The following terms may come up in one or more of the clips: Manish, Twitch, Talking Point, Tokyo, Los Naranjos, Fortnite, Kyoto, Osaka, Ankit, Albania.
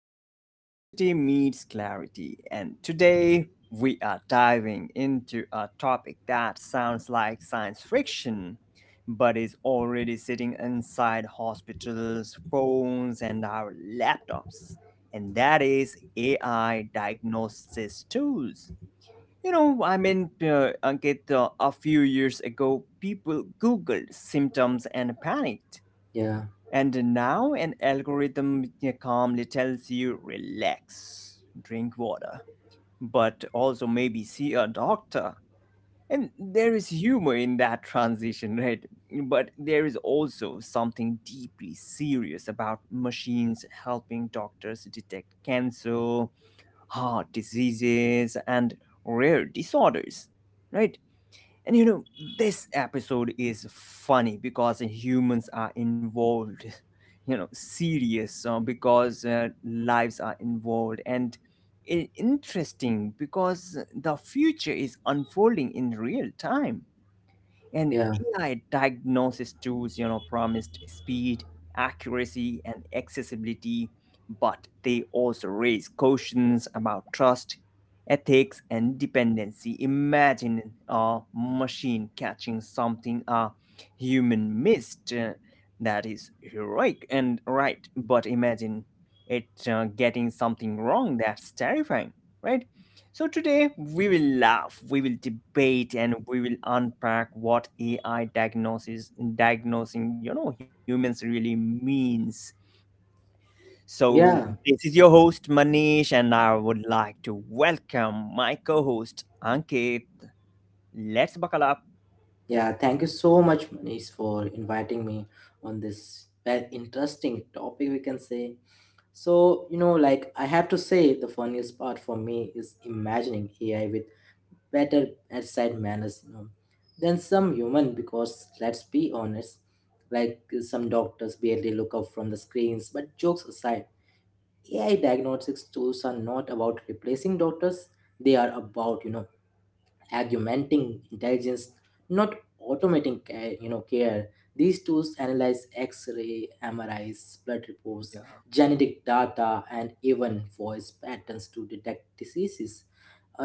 where curiosity meets clarity. And today we are diving into a topic that sounds like science fiction, but is already sitting inside hospitals, phones, and our laptops. And that is AI diagnosis tools. Ankit, a few years ago, people Googled symptoms and panicked, Yeah, and now an algorithm, yeah, calmly tells you relax, drink water, but also maybe see a doctor. And there is humor in that transition, right? But there is also something deeply serious about machines helping doctors detect cancer, heart diseases, and rare disorders, right? And you know, this episode is funny because humans are involved, you know, serious because lives are involved, and interesting because the future is unfolding in real time. And yeah, AI diagnosis tools, you know, promised speed, accuracy, and accessibility, but they also raise cautions about trust, ethics, and dependency. Imagine a machine catching something a human missed. That is heroic and right, but imagine it getting something wrong. That's terrifying, right? So today we will laugh, we will debate, and we will unpack what AI diagnosis diagnosing, you know, humans really means. So yeah, this is your host Manish, and I would like to welcome my co-host Ankit. Let's buckle up. yeah. Thank you so much, Manish, for inviting me on this very interesting topic, we can say. So, like I have to say, the funniest part for me is imagining AI with better bedside manners, than some Mhm. human. Because let's be honest, like some doctors barely look up from the screens. But jokes aside, AI diagnostics tools are not about replacing doctors; they are about, augmenting intelligence not automating care, you know care These tools analyze x-ray, mris, blood Yeah, reports, genetic data, and even voice patterns to detect diseases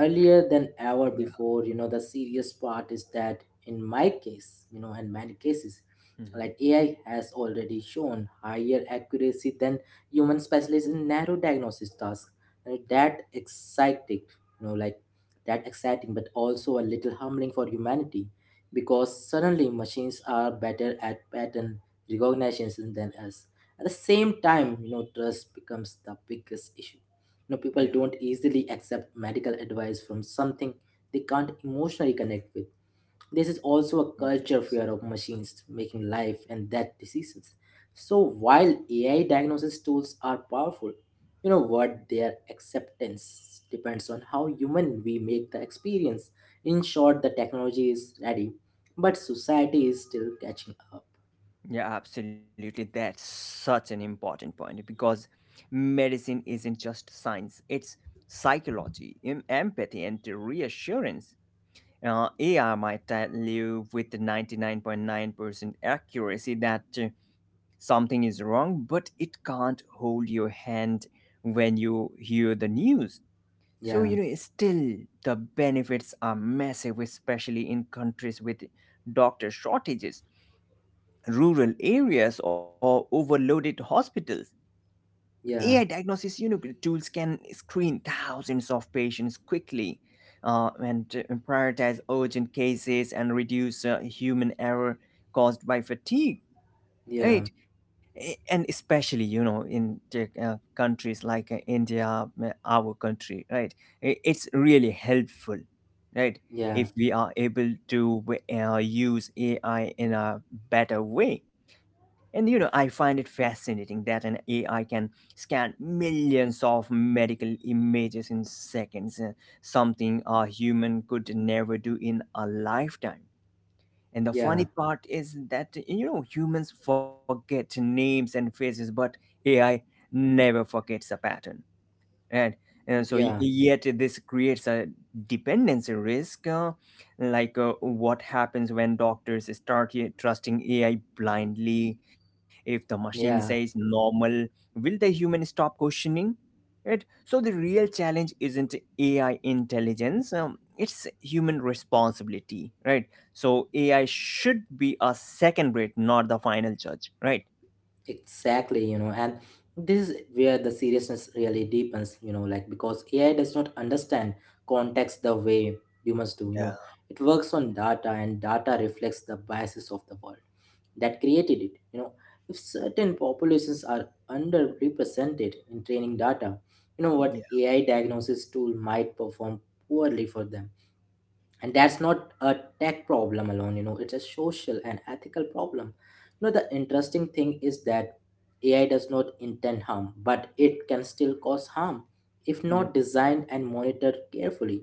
earlier than ever yeah, before. The serious part is that in my case you know in many cases, like hmm, AI has already shown higher accuracy than human specialists in narrow diagnosis tasks, and that exciting, you know like that exciting but also a little humbling for humanity because suddenly machines are better at pattern recognition than us. At the same time, trust becomes the biggest issue. People yeah, don't easily accept medical advice from something they can't emotionally connect with. This is also a culture yes. fear of machines making life and death decisions. So while AI diagnosis tools are powerful, you know what their acceptance depends on how human we make the experience. In short, the technology is ready, but society is still catching up. Yeah, absolutely. That's such an important point because medicine isn't just science, it's psychology, empathy, and reassurance. AI might tell you with 99.9% accuracy that something is wrong, but it can't hold your hand when you hear the news. So, Yeah, you know, still the benefits are massive, especially in countries with doctor shortages, rural areas, or overloaded hospitals. AI yeah, diagnosis, you know, tools can screen thousands of patients quickly, and prioritize urgent cases and reduce human error caused by fatigue, yeah, right? And especially, you know, in the, countries like India, our country, right? It's really helpful, right? yeah, If we are able to use AI in a better way. And you know, I find it fascinating that an AI can scan millions of medical images in seconds, something a human could never do in a lifetime. And the yeah, funny part is that, you know, humans forget names and faces, but AI never forgets a pattern. And so yeah, yet this creates a dependency risk, like what happens when doctors start trusting ai blindly? If the machine says yeah. normal, will the human stop questioning it? So the real challenge isn't ai intelligence, it's human responsibility, right? So ai should be a second rate, not the final judge, right? Exactly, and this is where the seriousness really deepens, because AI does not understand context the way humans do, Yeah. It works on data, and data reflects the biases of the world that created it, If certain populations are underrepresented in training data, you know what Yeah. AI diagnosis tool might perform poorly for them, and that's not a tech problem alone. It's a social and ethical problem. The interesting thing is that AI does not intend harm, but it can still cause harm if not designed and monitored carefully.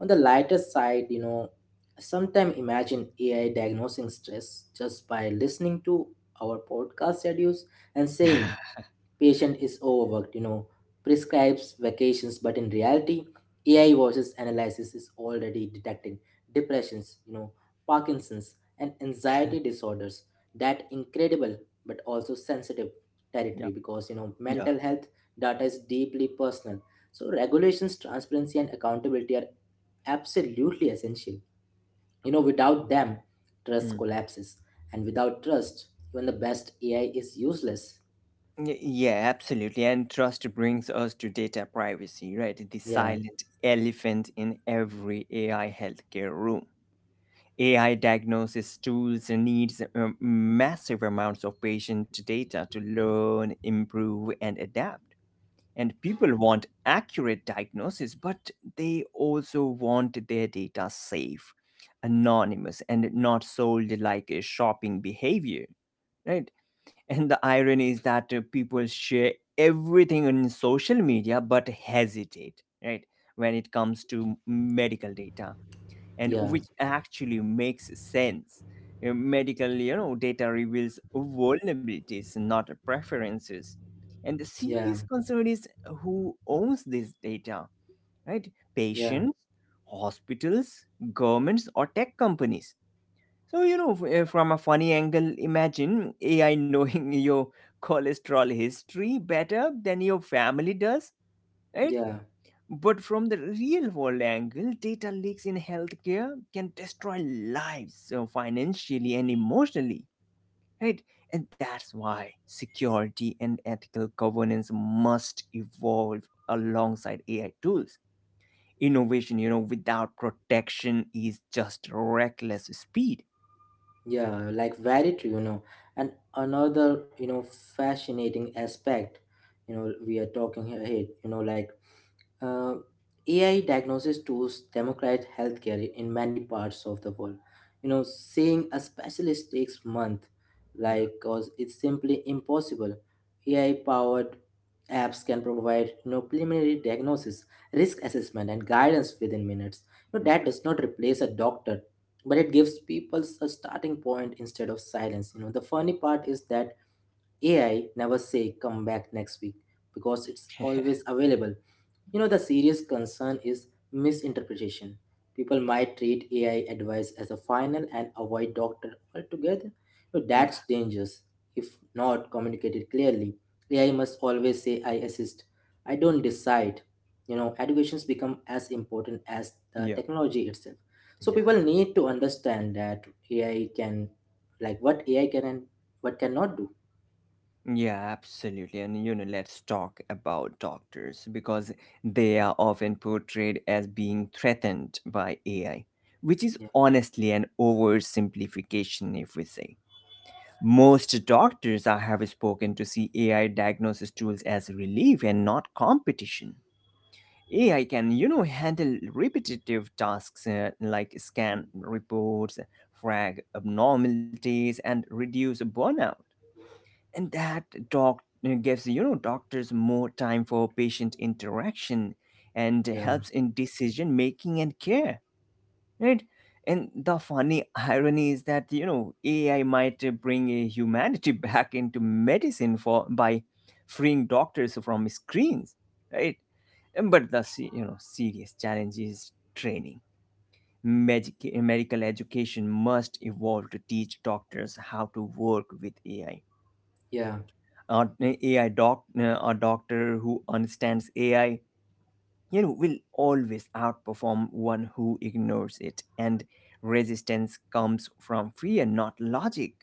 On the lighter side, sometimes imagine AI diagnosing stress just by listening to our podcast schedules and Yeah. saying patient is overworked, prescribes vacations. But in reality, AI voices analysis is already detecting depressions, Parkinson's and anxiety disorders. That incredible but also sensitive yeah, territory, because yeah. mental health data is deeply personal. So regulations, transparency, and accountability are absolutely essential. Without them, trust Mhm. collapses, and without trust, even the best AI is useless. Yeah, absolutely. And trust brings us to data privacy, right? The Yeah, silent elephant in every AI healthcare room. AI diagnosis tools needs massive amounts of patient data to learn, improve, and adapt. And people want accurate diagnosis, but they also want their data safe, anonymous, and not sold like a shopping behavior, right? And the irony is that people share everything on social media but hesitate, right, when it comes to medical data, and yeah. which actually makes sense. Medical, you know, data reveals vulnerabilities, not preferences. And the Yeah, serious concern is who owns this data, right? yeah, Patients, hospitals, governments, or tech companies. So, you know, from a funny angle, imagine AI knowing your cholesterol history better than your family does, right? yeah, But from the real world angle, data leaks in healthcare can destroy lives so financially and emotionally, right? And that's why security and ethical governance must evolve alongside AI tools. Innovation, you know, without protection is just reckless speed. yeah, like very true, And another, fascinating aspect, we are talking here, hey, Uh, AI diagnosis tools democratize healthcare in many parts of the world. You know, seeing a specialist takes months, Yeah, like, cause it's simply impossible. AI-powered apps can provide, preliminary diagnosis, risk assessment, and guidance within minutes. You know, yeah, that does not replace a doctor, but it gives people a starting point instead of silence. You know, the funny part is that AI never say come back next week because it's always available. The serious concern is misinterpretation. People might treat AI advice as a final and avoid doctor altogether. So yeah, that's dangerous. If not communicated clearly, AI must always say, I assist. I don't decide. You know, educations become as important as the yeah, technology itself. So yeah. people need to understand that AI can, like what AI can and what cannot do. Yeah, absolutely. And you know, let's talk about doctors because they are often portrayed as being threatened by AI, which is Yeah, honestly an oversimplification, if we say. Most doctors I have spoken to see AI diagnosis tools as relief and not competition. AI can, you know, handle repetitive tasks, like scan reports, flag abnormalities, and reduce burnout. And that doc gives, you know, doctors more time for patient interaction, and yeah, helps in decision making and care, right? And the funny irony is that you know AI might bring humanity back into medicine for by freeing doctors from screens, right? And but the you know serious challenge is training. Medical education must evolve to teach doctors how to work with AI. yeah, A doctor who understands AI, you know, will always outperform one who ignores it. And resistance comes from fear, not logic.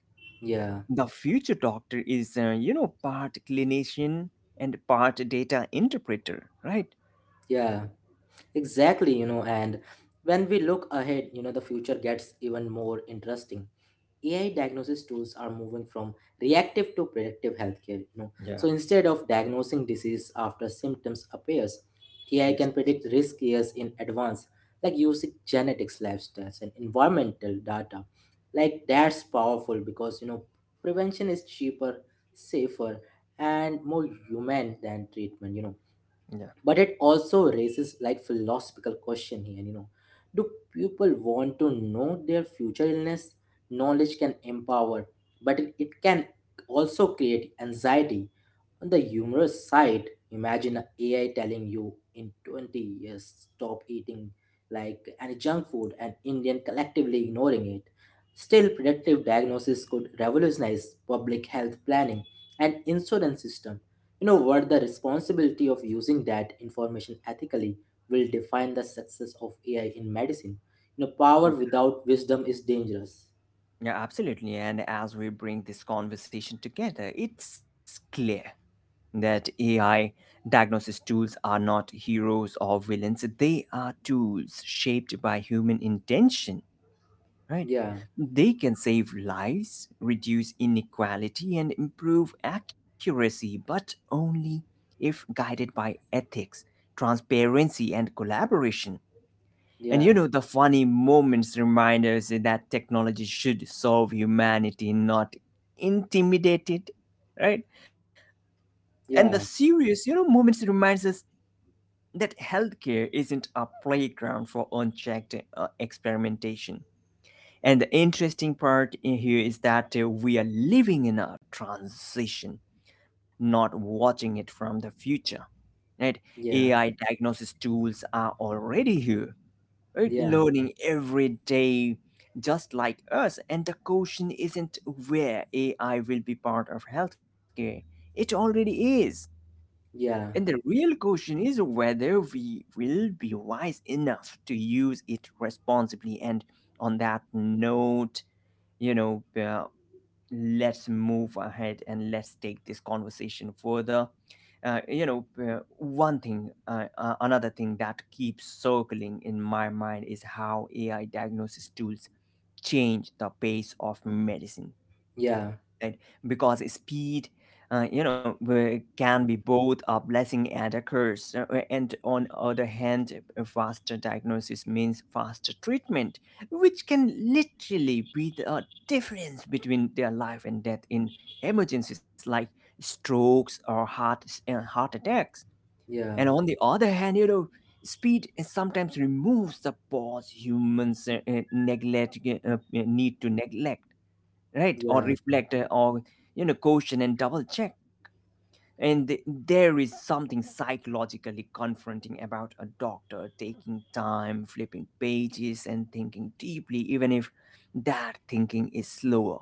yeah, The future doctor is, you know, part clinician and part data interpreter, right? yeah. Exactly, and when we look ahead, the future gets even more interesting. AI diagnosis tools are moving from reactive to predictive healthcare, So Yeah. instead of diagnosing disease after symptoms appears, AI can Yes. predict risk years in advance, like using genetics, lifestyles, and environmental data. Like that's powerful because prevention is cheaper, safer, and more human than treatment. Yeah. But it also raises like philosophical question here. Do people want to know their future illness? Knowledge can empower, but it can also create anxiety. On the humorous side, imagine a AI telling you in 20 years stop eating like any junk food and indian collectively ignoring it. Still, predictive diagnosis could revolutionize public health planning and insurance system. You know what? The responsibility of using that information ethically will define the success of AI in medicine. You know, power Mm. without wisdom is dangerous. Yeah, absolutely. And as we bring this conversation together, it's clear that AI diagnosis tools are not heroes or villains. They are tools shaped by human intention, right? Yeah, They can save lives, reduce inequality, and improve accuracy, but only if guided by ethics, transparency, and collaboration. And yeah, you know, the funny moments remind us that technology should solve humanity, not intimidate it, right? And the yeah, serious, you know, moments reminds us that healthcare isn't a playground for unchecked experimentation. And the interesting part in here is that we are living in a transition, not watching it from the future. Right? yeah, AI diagnosis tools are already here, right? yeah, Learning every day, just like us. And the question isn't where AI will be part of healthcare, it already is. And yeah, the real question is whether we will be wise enough to use it responsibly. And on that note, you know, let's move ahead and let's take this conversation further. Another thing that keeps circling in my mind is how AI diagnosis tools change the pace of medicine, yeah, right? Because speed, you know, can be both a blessing and a curse. And on other hand, a faster diagnosis means faster treatment, which can literally be the difference between their life and death in emergencies like strokes or heart attacks. And yeah, on the other hand, you know, speed sometimes removes the pause humans neglect need to neglect, right, yeah, or reflect, or you know caution and double check. And there is something psychologically confronting about a doctor taking time flipping pages and thinking deeply, even if that thinking is slower.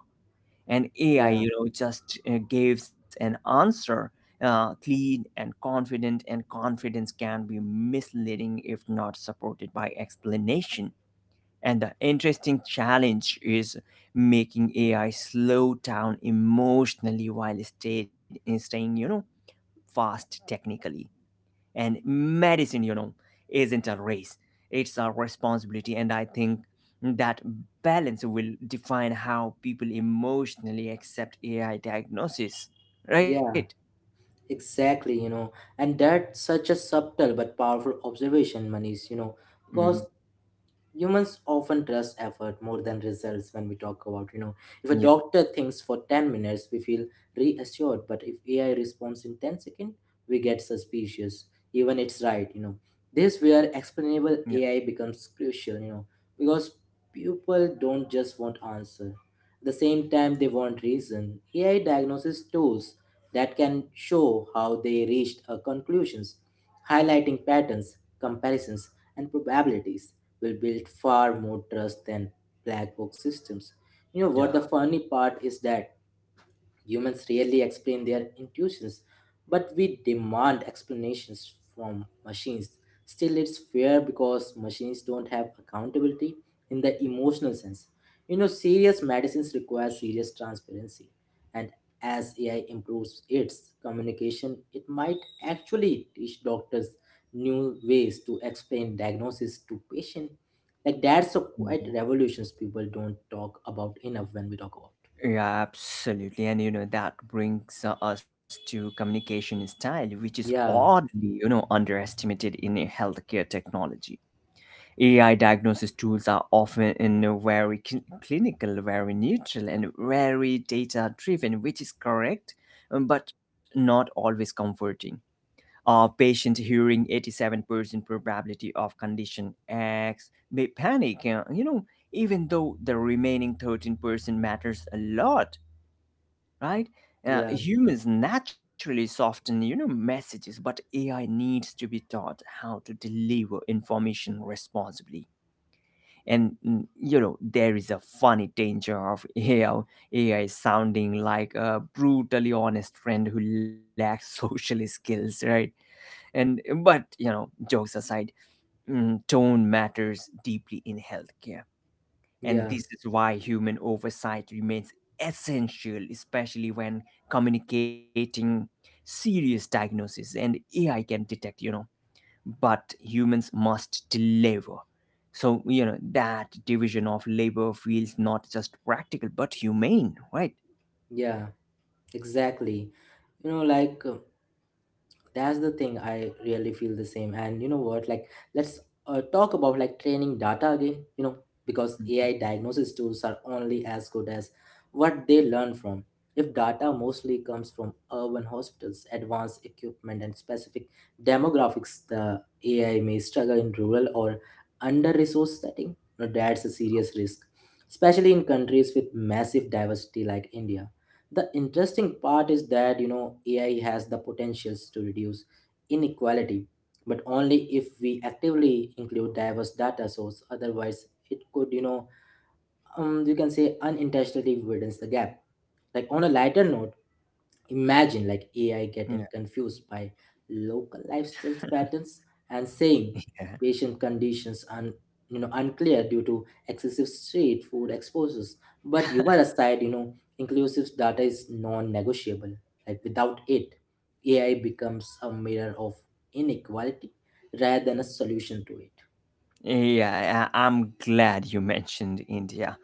And ai, yeah, you know, just gives an answer, clean and confident. And confidence can be misleading if not supported by explanation. And the interesting challenge is making AI slow down emotionally while staying, you know, fast technically. And medicine, you know, isn't a race, it's a responsibility. And I think that balance will define how people emotionally accept AI diagnosis, right? yeah. Exactly, and that's such a subtle but powerful observation, Manish, because Mhm. humans often trust effort more than results. When we talk about you know If a Yeah, doctor thinks for 10 minutes, we feel reassured, but if AI responds in 10 seconds, we get suspicious even it's right. This yeah, where explainable AI becomes crucial. Because people don't just want answer, at the same time they want reason. AI diagnosis tools that can show how they reached a conclusions, highlighting patterns, comparisons, and probabilities, will build far more trust than black box systems. You know yeah. what the funny part is that humans rarely explain their intuitions, but we demand explanations from machines. Still, it's fair because machines don't have accountability in the emotional sense. You know, serious medicines require serious transparency, and as AI improves its communication, it might actually teach doctors new ways to explain diagnosis to patient. Like that's a quite revolutions people don't talk about enough when we talk about. Yeah, absolutely. And you know, that brings us to communication style, which is Yeah, oddly, you know, underestimated in healthcare technology. AI diagnosis tools are often in a very clinical, very neutral, and very data driven, which is correct, but not always comforting. A patient hearing 87% probability of condition X may panic, you know, even though the remaining 13% matters a lot, right? Yeah. Humans naturally soften, you know, messages, but AI needs to be taught how to deliver information responsibly. And you know, there is a funny danger of AI sounding like a brutally honest friend who lacks social skills, right? And but you know, jokes aside, tone matters deeply in healthcare. And Yeah, this is why human oversight remains essential, especially when communicating serious diagnoses. And AI can detect, you know, but humans must deliver. So, you know, that division of labor feels not just practical but humane, right? yeah, exactly. You know, like uh, that's the thing. I really feel the same. And you know what? Like, let's talk about like training data again. You know, because Mhm. AI diagnosis tools are only as good as what they learn from. If data mostly comes from urban hospitals, advanced equipment, and specific demographics, the AI may struggle in rural or under-resourced setting. Now, that's a serious risk, especially in countries with massive diversity like India. The interesting part is that AI has the potentials to reduce inequality, but only if we actively include diverse data source. Otherwise, it could, you can say, unintentionally widens the gap. Like on a lighter note, imagine like AI Yeah. getting confused by local lifestyle patterns and saying patient conditions unclear due to excessive street food exposures. But humor aside, inclusive data is non-negotiable. Like without it, AI becomes a mirror of inequality rather than a solution to it. Yeah, I- I'm glad you mentioned India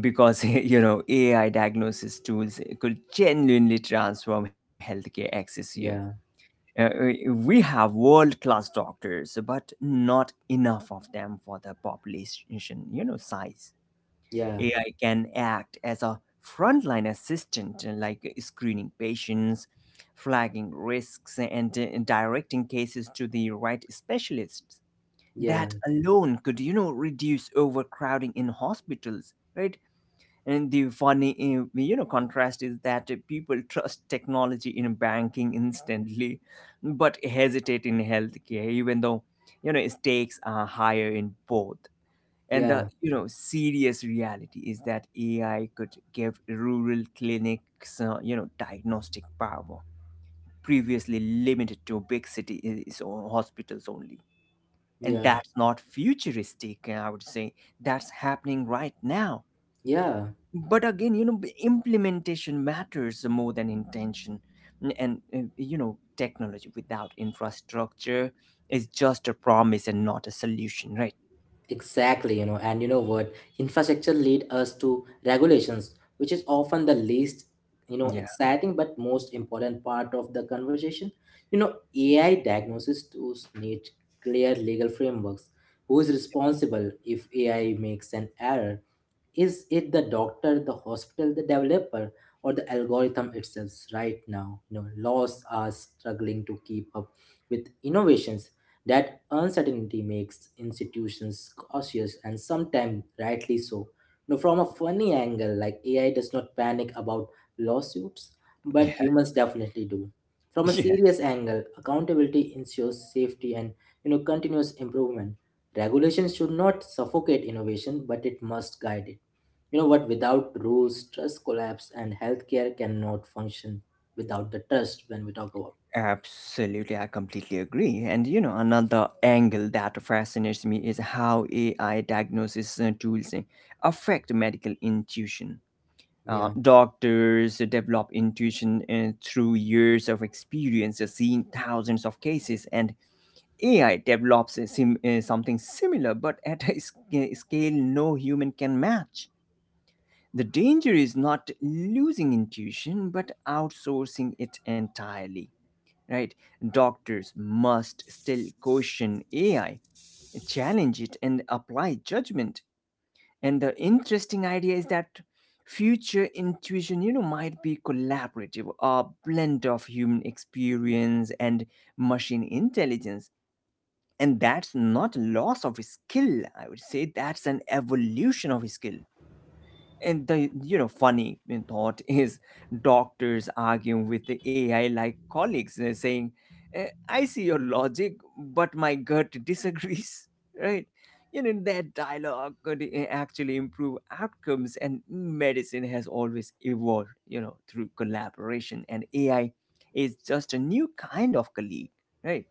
because you know AI diagnosis tools could genuinely transform healthcare access here. Yeah, We have world class doctors, but not enough of them for the population, you know, size. yeah, AI can act as a frontline assistant, like screening patients, flagging risks, and directing cases to the right specialists. yeah, That alone could, you know, reduce overcrowding in hospitals, right? And the funny, you know, contrast is that people trust technology in banking instantly, but hesitate in healthcare, even though, you know, stakes are higher in both. And yeah, the, you know, serious reality is that AI could give rural clinics, you know, diagnostic power previously limited to big cities or hospitals only. And yeah, that's not futuristic, I would say. That's happening right now, yeah. but again, you know, implementation matters more than intention. N- and You know, technology without infrastructure is just a promise and not a solution, right? Exactly, and you know what? Infrastructure lead us to regulations, which is often the least, yeah exciting but most important part of the conversation. You know, AI diagnosis tools need clear legal frameworks. Who is responsible if AI makes an error? Is it the doctor, the hospital, the developer, or the algorithm itself? Right now, laws are struggling to keep up with innovations. That uncertainty makes institutions cautious, and sometimes rightly so. From a funny angle, like AI does not panic about lawsuits, but yeah humans definitely do. From a Yeah, serious angle, accountability ensures safety and, continuous improvement. Regulation should not suffocate innovation, but it must guide it. You know what? Without rules, trust collapse, and healthcare cannot function without the trust when we talk about. absolutely. I completely agree. And you know, another angle that fascinates me is how AI diagnosis tools affect medical intuition. Yeah. Doctors develop intuition through years of experience, seeing thousands of cases, and AI develops a something similar, but at a scale no human can match. The danger is not losing intuition, but outsourcing it entirely. Right? Doctors must still question AI, challenge it, and apply judgment. And the interesting idea is that future intuition, you know, might be collaborative, a blend of human experience and machine intelligence. And that's not loss of skill. I would say that's an evolution of skill. And the, you know, funny thought is doctors arguing with the AI like colleagues, saying, "Eh, I see your logic, but my gut disagrees." Right? You know, that dialogue could actually improve outcomes. And medicine has always evolved, you know, through collaboration, and AI is just a new kind of colleague, right?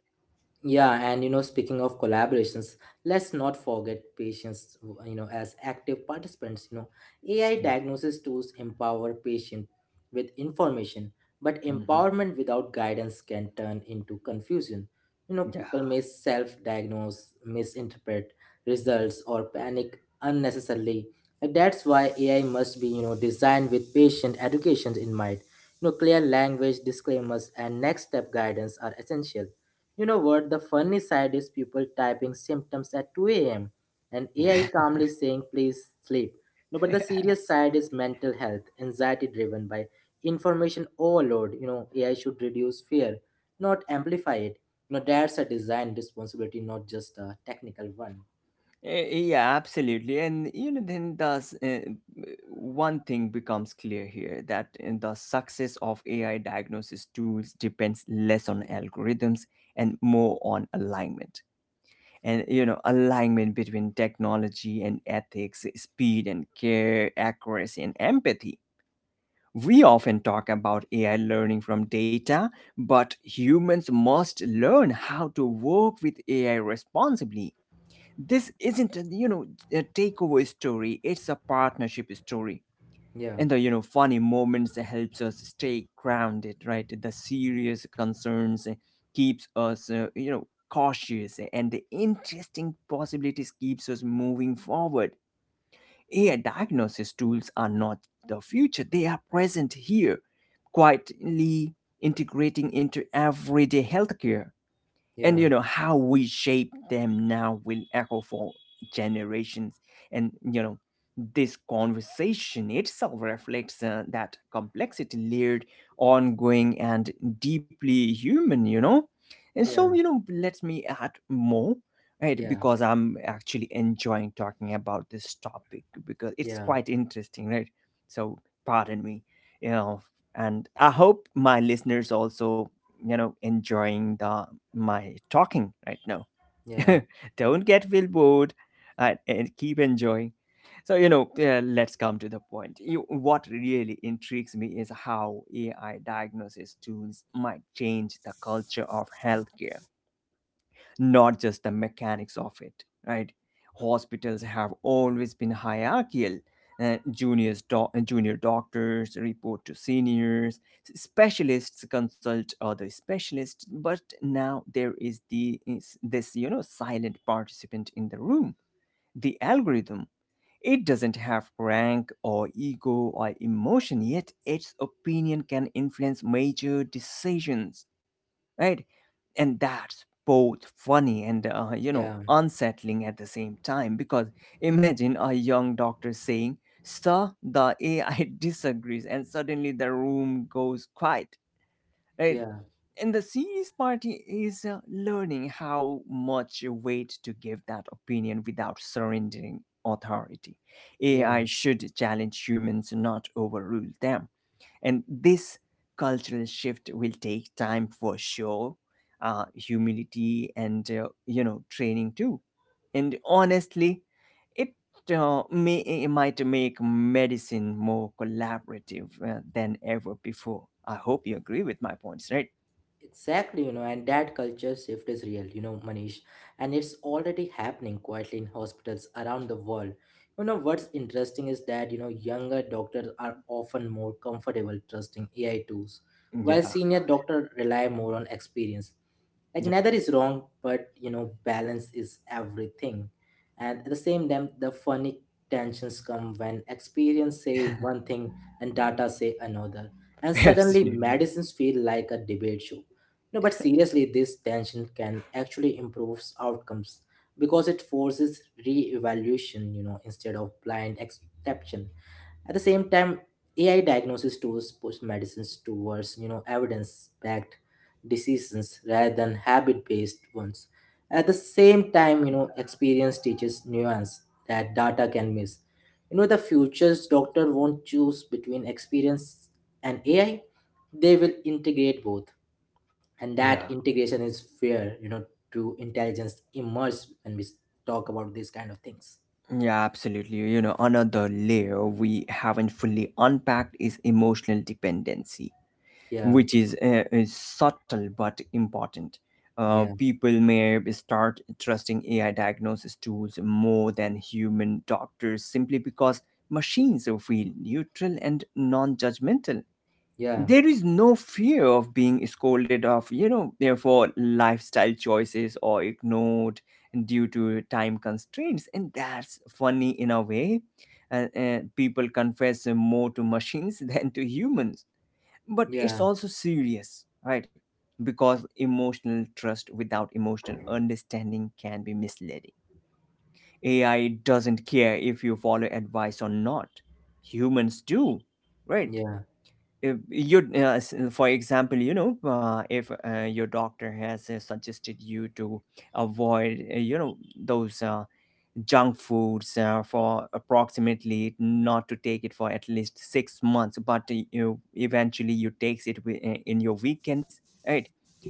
Yeah, and speaking of collaborations, let's not forget patients, as active participants. You know, AI Yeah. diagnosis tools empower patient with information, but Mhm. empowerment without guidance can turn into confusion. You know, people may self-diagnose, misinterpret results, or panic unnecessarily. And that's why AI must be, designed with patient education in mind. You know, clear language disclaimers and next step guidance are essential. You know what? The funny side is people typing symptoms at 2 a.m. and Yeah. AI calmly saying, please sleep. No, but the serious side is mental health, anxiety driven by information overload. You know, AI should reduce fear, not amplify it. You know, that's a design responsibility, not just a technical one. Yeah, absolutely. And you know, then the uh, one thing becomes clear here, that the success of AI diagnosis tools depends less on algorithms and more on alignment. And you know, alignment between technology and ethics, speed and care, accuracy and empathy. We often talk about AI learning from data, but humans must learn how to work with AI responsibly. This isn't a, you know, a takeover story, it's a partnership story. Yeah, And the, you know, funny moments helps us stay grounded, right? The serious concerns keeps us, you know, cautious, and the interesting possibilities keeps us moving forward. AI diagnosis tools are not the future, they are present here, quietly integrating into everyday healthcare. And yeah, you know how we shape them now will echo for generations. And you know, this conversation itself reflects that complexity, layered, ongoing, and deeply human, you know. And so, yeah, you know, let me add more, right? yeah, Because I'm actually enjoying talking about this topic, because it's yeah, quite interesting, right? So, pardon me. You know, and I hope my listeners also, you know, enjoying the my talking right now. yeah, Don't get feel bored, and keep enjoying. So you know, let's come to the point. You, what really intrigues me is how AI diagnosis tools might change the culture of healthcare, not just the mechanics of it, right? Hospitals have always been hierarchical. Junior doctors report to seniors, specialists consult other specialists, but now there is the is this, you know, silent participant in the room, the algorithm. It doesn't have rank or ego or emotion, yet its opinion can influence major decisions, right? And that's both funny and, you yeah, know, unsettling at the same time, because imagine a young doctor saying, "Sir, the AI disagrees," and suddenly the room goes quiet, right? yeah, And the serious party is learning how much weight to give that opinion without surrendering authority. yeah. AI should challenge humans, not overrule them. And this cultural shift will take time for sure, humility and, you know, training too. And honestly, it it might make medicine more collaborative than ever before. I hope you agree with my points, right? Exactly, and that culture shift is real, Manish, and it's already happening quietly in hospitals around the world. You know, what's interesting is that, younger doctors are often more comfortable trusting AI tools, while Yeah, senior doctors rely more on experience. Like yep. neither is wrong, but balance is everything. And at the same time, the funny tensions come when experience say one thing and data say another, and suddenly Absolutely. medicines feel like a debate show. No, but seriously, this tension can actually improves outcomes because it forces re-evaluation, instead of blind exception. At the same time, AI diagnosis tools push medicines towards, evidence-backed decisions rather than habit-based ones. At the same time, experience teaches nuance that data can miss. You know the future's doctor won't choose between experience and AI; they will integrate both, and Yeah. that integration is fair. To intelligence immerse when we talk about these kind of things. Yeah, absolutely. You know, another layer we haven't fully unpacked is emotional dependency, Yeah, which is, subtle but important. Yeah, People may start trusting AI diagnosis tools more than human doctors simply because machines feel neutral and non judgmental. yeah, There is no fear of being scolded of, you know, for lifestyle choices, or ignored due to time constraints. And that's funny in a way. People confess more to machines than to humans, but yeah, it's also serious, right? Because emotional trust without emotional understanding can be misleading. AI doesn't care if you follow advice or not. Humans do, right? yeah, If you for example, you know, if your doctor has suggested you to avoid, you know, those junk foods for approximately not to take it for at least 6 months, but you eventually you takes it in your weekends, right?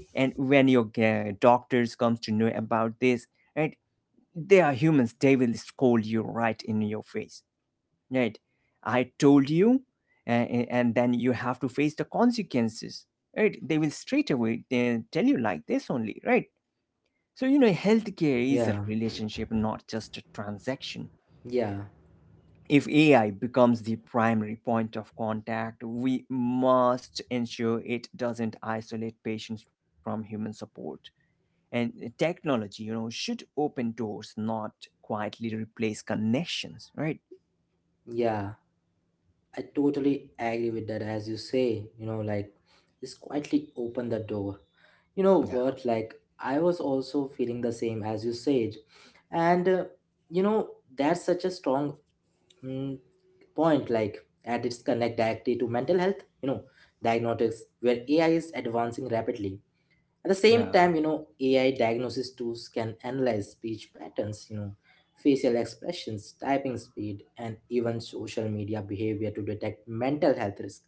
And when your, doctors comes to know about this, right, they are humans, they will scold you right in your face, right? I told you. And then you have to face the consequences, right? They will straight away they tell you like this only, right? So you know, healthcare is yeah. a relationship, not just a transaction. Yeah, If AI becomes the primary point of contact, we must ensure it doesn't isolate patients from human support. And eh, technology, you know, should open doors, not quietly replace connections, right? yeah, I totally agree with that. As you say, you know, like just quietly open the door. You Yeah, know what? Like I was also feeling the same as you said, and you know that's such a strong mm, point. Like and it's connect directly to mental health. You know, diagnostics where AI is advancing rapidly. At the yeah, same time, you know, AI diagnosis tools can analyze speech patterns, you know, facial expressions, typing speed, and even social media behavior to detect mental health risk.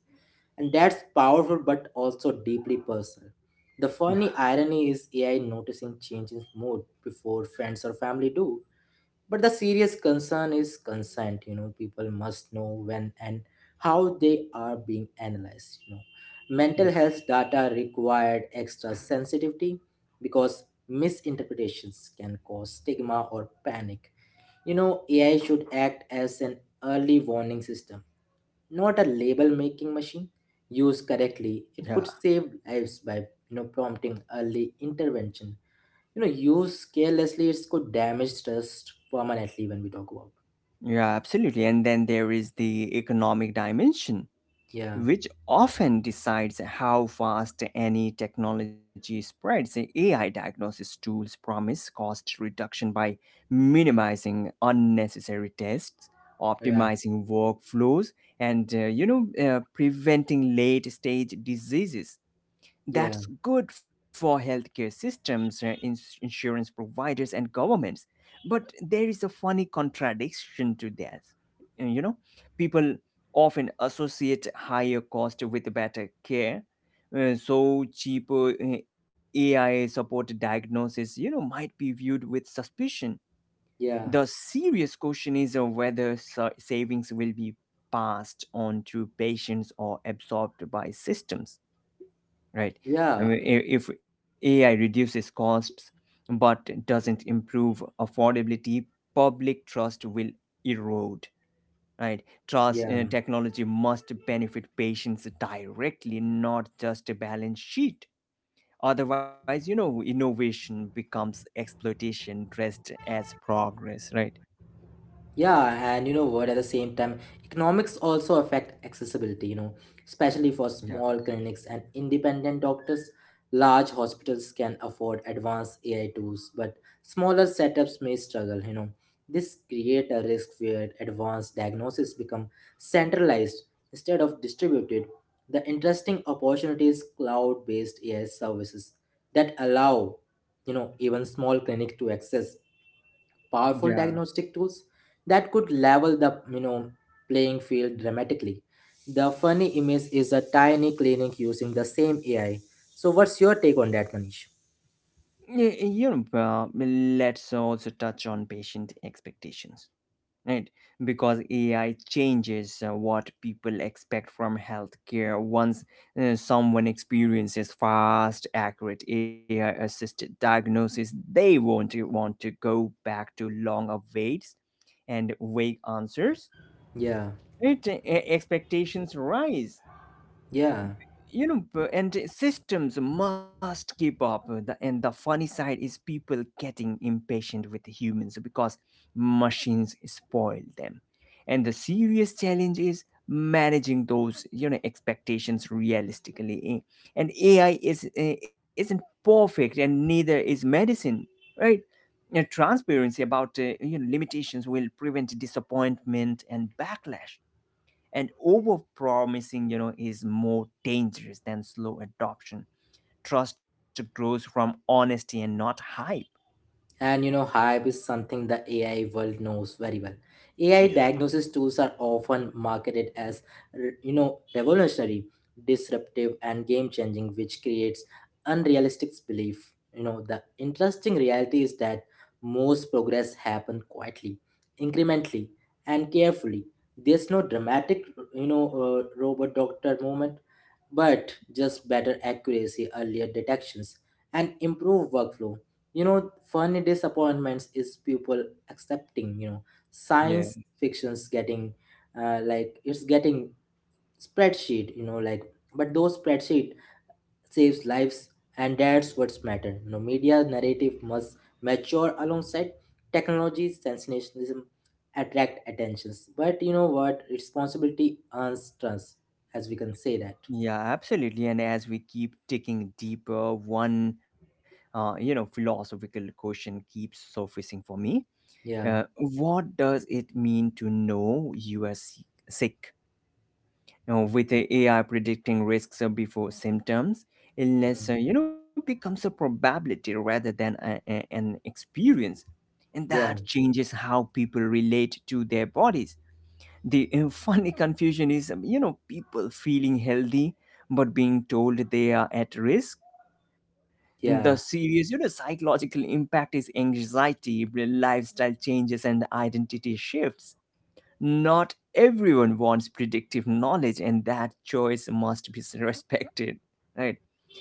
And that's powerful but also deeply personal. yeah, The funny irony is AI noticing change in mood before friends or family do. But the serious concern is consent. You know, people must know when and how they are being analyzed. You know, yeah, mental health data required extra sensitivity because misinterpretations can cause stigma or panic. You know, AI should act as an early warning system, not a label making machine. Used correctly, it could yeah, save lives by you know prompting early intervention. You know used carelessly it could damage trust permanently when we talk about yeah, absolutely. And then there is the economic dimension, yeah, which often decides how fast any technology spreads. AI diagnosis tools promise cost reduction by minimizing unnecessary tests, yeah, optimizing workflows, and, you know, preventing late stage diseases. yeah, That's good for healthcare systems, insurance providers, and governments. But there is a funny contradiction to that. You know, people often associate higher cost with better care. So cheaper AI supported diagnosis, you know, might be viewed with suspicion. yeah, The serious question is whether savings will be passed on to patients or absorbed by systems, right? yeah, I mean, if AI reduces costs but doesn't improve affordability, public trust will erode, right? Trust yeah. in technology must benefit patients directly, not just a balance sheet. Otherwise, you know, innovation becomes exploitation dressed as progress, right? Yeah, and you know what, at the same time, economics also affect accessibility, you know, especially for Yeah. small clinics and independent doctors. Large hospitals can afford advanced AI tools, but smaller setups may struggle, you know. This create a risk where advanced diagnosis become centralized instead of distributed. The interesting opportunity is cloud-based AI services that allow, you know, even small clinics to access powerful Yeah. diagnostic tools that could level the you know playing field dramatically. The funny image is a tiny clinic using the same AI. So what's your take on that, Manish? You know, let's also touch on patient expectations, right? Because AI changes what people expect from healthcare. Once someone experiences fast, accurate AI assisted diagnosis, they won't want to go back to long waits and vague answers. Yeah, Right? Expectations rise, yeah. you know, and systems must keep up, and the funny side is people getting impatient with humans because machines spoil them. And the serious challenge is managing those, you know, expectations realistically. And ai isn't perfect, and neither is medicine, right? You know, transparency about, you know, limitations will prevent disappointment and backlash, and over promising, you know, is more dangerous than slow adoption. Trust grows from honesty and not hype. And you know, hype is something the AI world knows very well. AI Yeah. diagnosis tools are often marketed as you know revolutionary, disruptive, and game changing, which creates unrealistic belief. You know, the interesting reality is that most progress happens quietly, incrementally, and carefully. There's no dramatic, robot doctor moment but just better accuracy, earlier detections, and improved workflow. You know, funny disappointments is people accepting, you know, Yeah, science fiction's getting like it's getting spreadsheet, you know, like but those spreadsheet saves lives and that's what's matter. You know, media narrative must mature alongside technology, sensationalism, attract attentions. But you know what? Responsibility earns trust, as we can say that. yeah, absolutely. And as we keep digging deeper, one, you know, philosophical question keeps surfacing for me. Yeah. What does it mean to know you are sick? You know, with the AI predicting risks before symptoms, illness, you know, becomes a probability rather than an experience, and that Yeah, changes how people relate to their bodies. The funny confusion is, you know, people feeling healthy but being told they are at risk. And the yeah, serious, you know, psychological impact is anxiety, lifestyle changes, and identity shifts. Not everyone wants predictive knowledge, and that choice must be respected, right?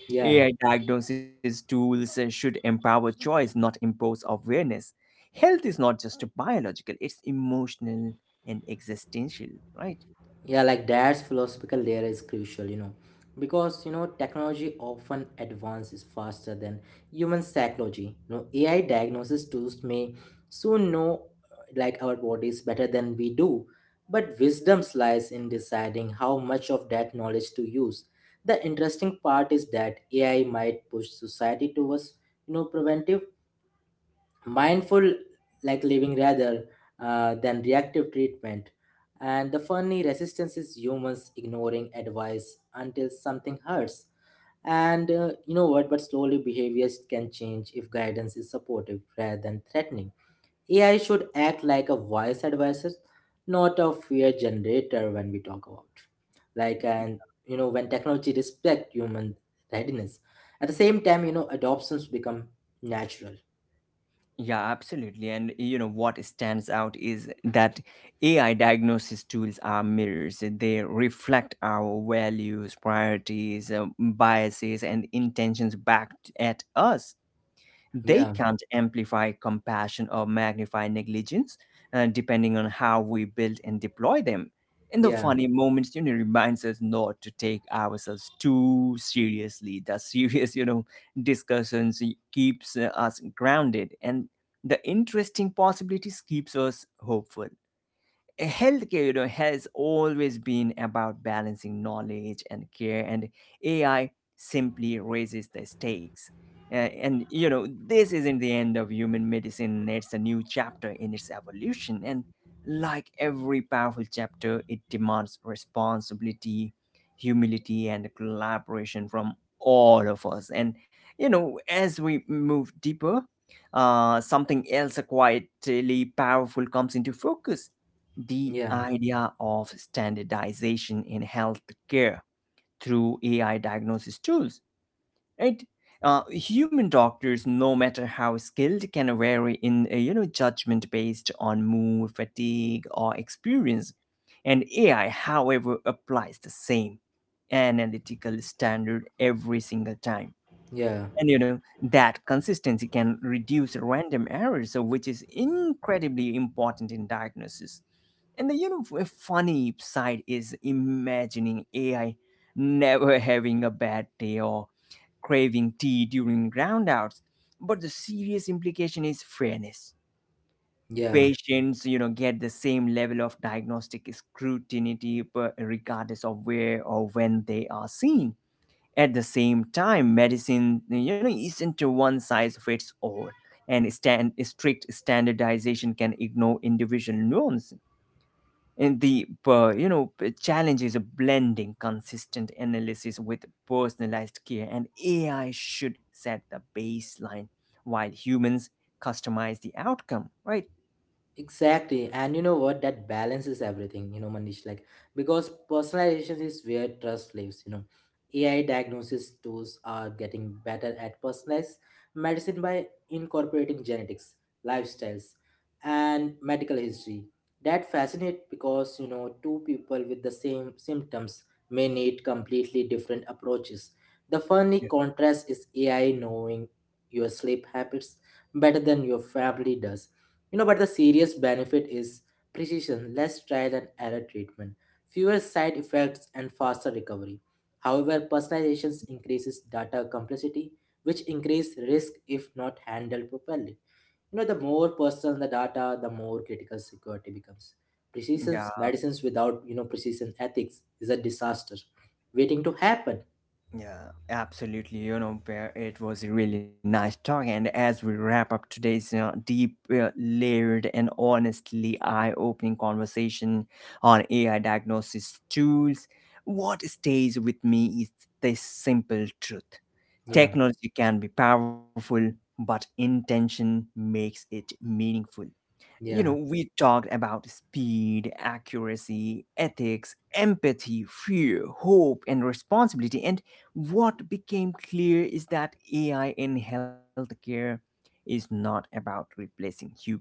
yeah, AI diagnosis tools should empower choice, not impose awareness. Health is not just biological, it's emotional and existential, right? yeah. Like that's philosophical layer is crucial, you know, because you know technology often advances faster than human psychology. You know, AI diagnosis tools may soon know like our bodies better than we do, but wisdom lies in deciding how much of that knowledge to use. The interesting part is that AI might push society towards you know preventive mindful like living rather than reactive treatment and the funny resistance is humans ignoring advice until something hurts and you know what but slowly behaviors can change if guidance is supportive rather than threatening. AI should act like a wise advisor, not a fear generator when we talk about like and you know when technology respect human readiness at the same time you know adoptions become natural. Yeah, absolutely. And you know what stands out is that AI diagnosis tools are mirrors. They reflect our values, priorities, biases, and intentions back at us. They Yeah, can't amplify compassion or magnify negligence, depending on how we build and deploy them. And the yeah, funny moments, you know, reminds us not to take ourselves too seriously. The serious, you know, discussions keeps us grounded, and the interesting possibilities keeps us hopeful. Healthcare, you know, has always been about balancing knowledge and care, and AI simply raises the stakes. And you know, this isn't the end of human medicine, it's a new chapter in its evolution, and like every powerful chapter, it demands responsibility, humility, and collaboration from all of us. And you know, as we move deeper, something else quietly powerful comes into focus, the yeah, idea of standardization in healthcare through AI diagnosis tools, right? Human doctors, no matter how skilled, can vary in, you know, judgment based on mood, fatigue, or experience. And AI, however, applies the same analytical standard every single time. yeah, And you know that consistency can reduce random errors, so which is incredibly important in diagnosis. And the, you know, funny side is imagining AI never having a bad day or craving tea during roundouts. But the serious implication is fairness. yeah. Patients, you know, get the same level of diagnostic scrutiny regardless of where or when they are seen. At the same time, medicine, you know, isn't a one size fits all, and strict standardization can ignore individual nuances. And the, you know, challenge is blending consistent analysis with personalized care, and AI should set the baseline while humans customize the outcome. Right? Exactly. And you know what? That balances everything, you know, Manish. Like, because personalization is where trust lives, you know. AI diagnosis tools are getting better at personalized medicine by incorporating genetics, lifestyles, and medical history. That fascinates because, you know, two people with the same symptoms may need completely different approaches. The funny Yeah. contrast is AI knowing your sleep habits better than your family does, you know, but the serious benefit is precision, less trial and error treatment, fewer side effects, and faster recovery. However, personalization increases data complexity, which increase risk if not handled properly. You know, the more personal the data, the more critical security becomes. Precision Yeah, medicines without, you know, precision ethics is a disaster waiting to happen. yeah, absolutely. You know, Bear, it was a really nice talk. And as we wrap up today's, deep, layered, and honestly eye opening conversation on AI diagnosis tools, what stays with me is this simple truth. Yeah, Technology can be powerful, but intention makes it meaningful. You know, yeah, we talked about speed, accuracy, ethics, empathy, fear, hope, and responsibility. And what became clear is that AI in healthcare is not about replacing humans,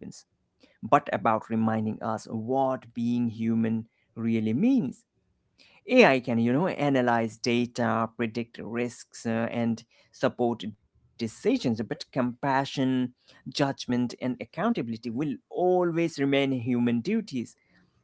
but about reminding us what being human really means. AI can, you know, analyze data, predict risks, and support decisions, but compassion, judgment, and accountability will always remain human duties.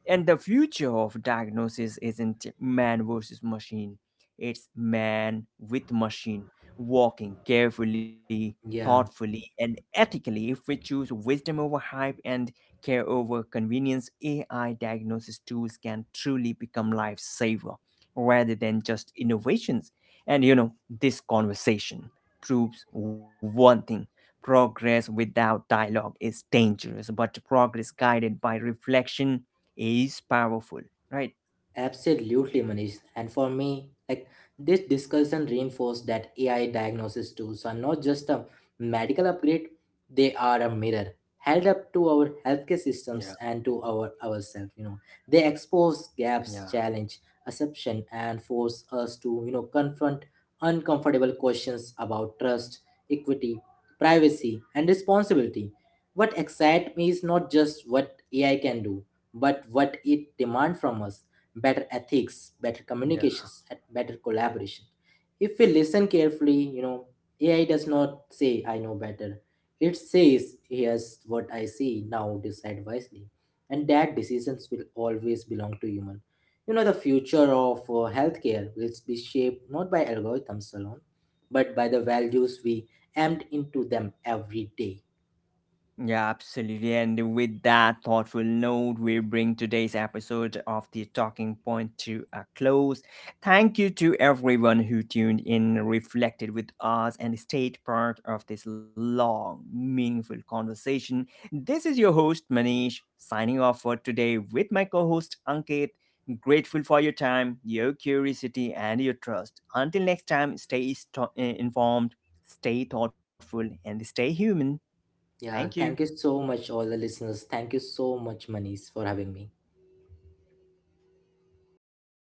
And the future of diagnosis isn't man versus machine, it's man with machine, walking carefully, yeah. thoughtfully, and ethically. If we choose wisdom over hype and care over convenience, AI diagnosis tools can truly become lifesaver rather than just innovations. And you know, this conversation proves one thing, progress without dialogue is dangerous, but progress guided by reflection is powerful, right? Absolutely, Manish. And for me, like this discussion reinforced that AI diagnosis tools are not just a medical upgrade, they are a mirror held up to our Yeah, healthcare systems and to our ourselves, you know. They expose yeah, gaps, challenge assumption and force us to, you know, confront uncomfortable questions about trust, equity, privacy, and responsibility. What excites me is not just what AI can do, but what it demands from us better ethics, better yeah. communications, and better collaboration. If we listen carefully, you know, AI does not say I know better. It says here's what I see, now decide wisely. And that decisions will always belong to human. You know, the future of healthcare will be shaped not by algorithms alone, but by the values we empt into them every day. Yeah, absolutely. And with that thoughtful note, we bring today's episode of the Talking Point to a close. Thank you to everyone who tuned in, reflected with us, and stayed part of this long, meaningful conversation. This is your host, Manish, signing off for today with my co host, Ankit. Grateful for your time, your curiosity, and your trust. Until next time, stay informed, stay thoughtful, and stay human. Thank Yeah, you. thank you so much, all the listeners. Thank you so much, Manish, for having me.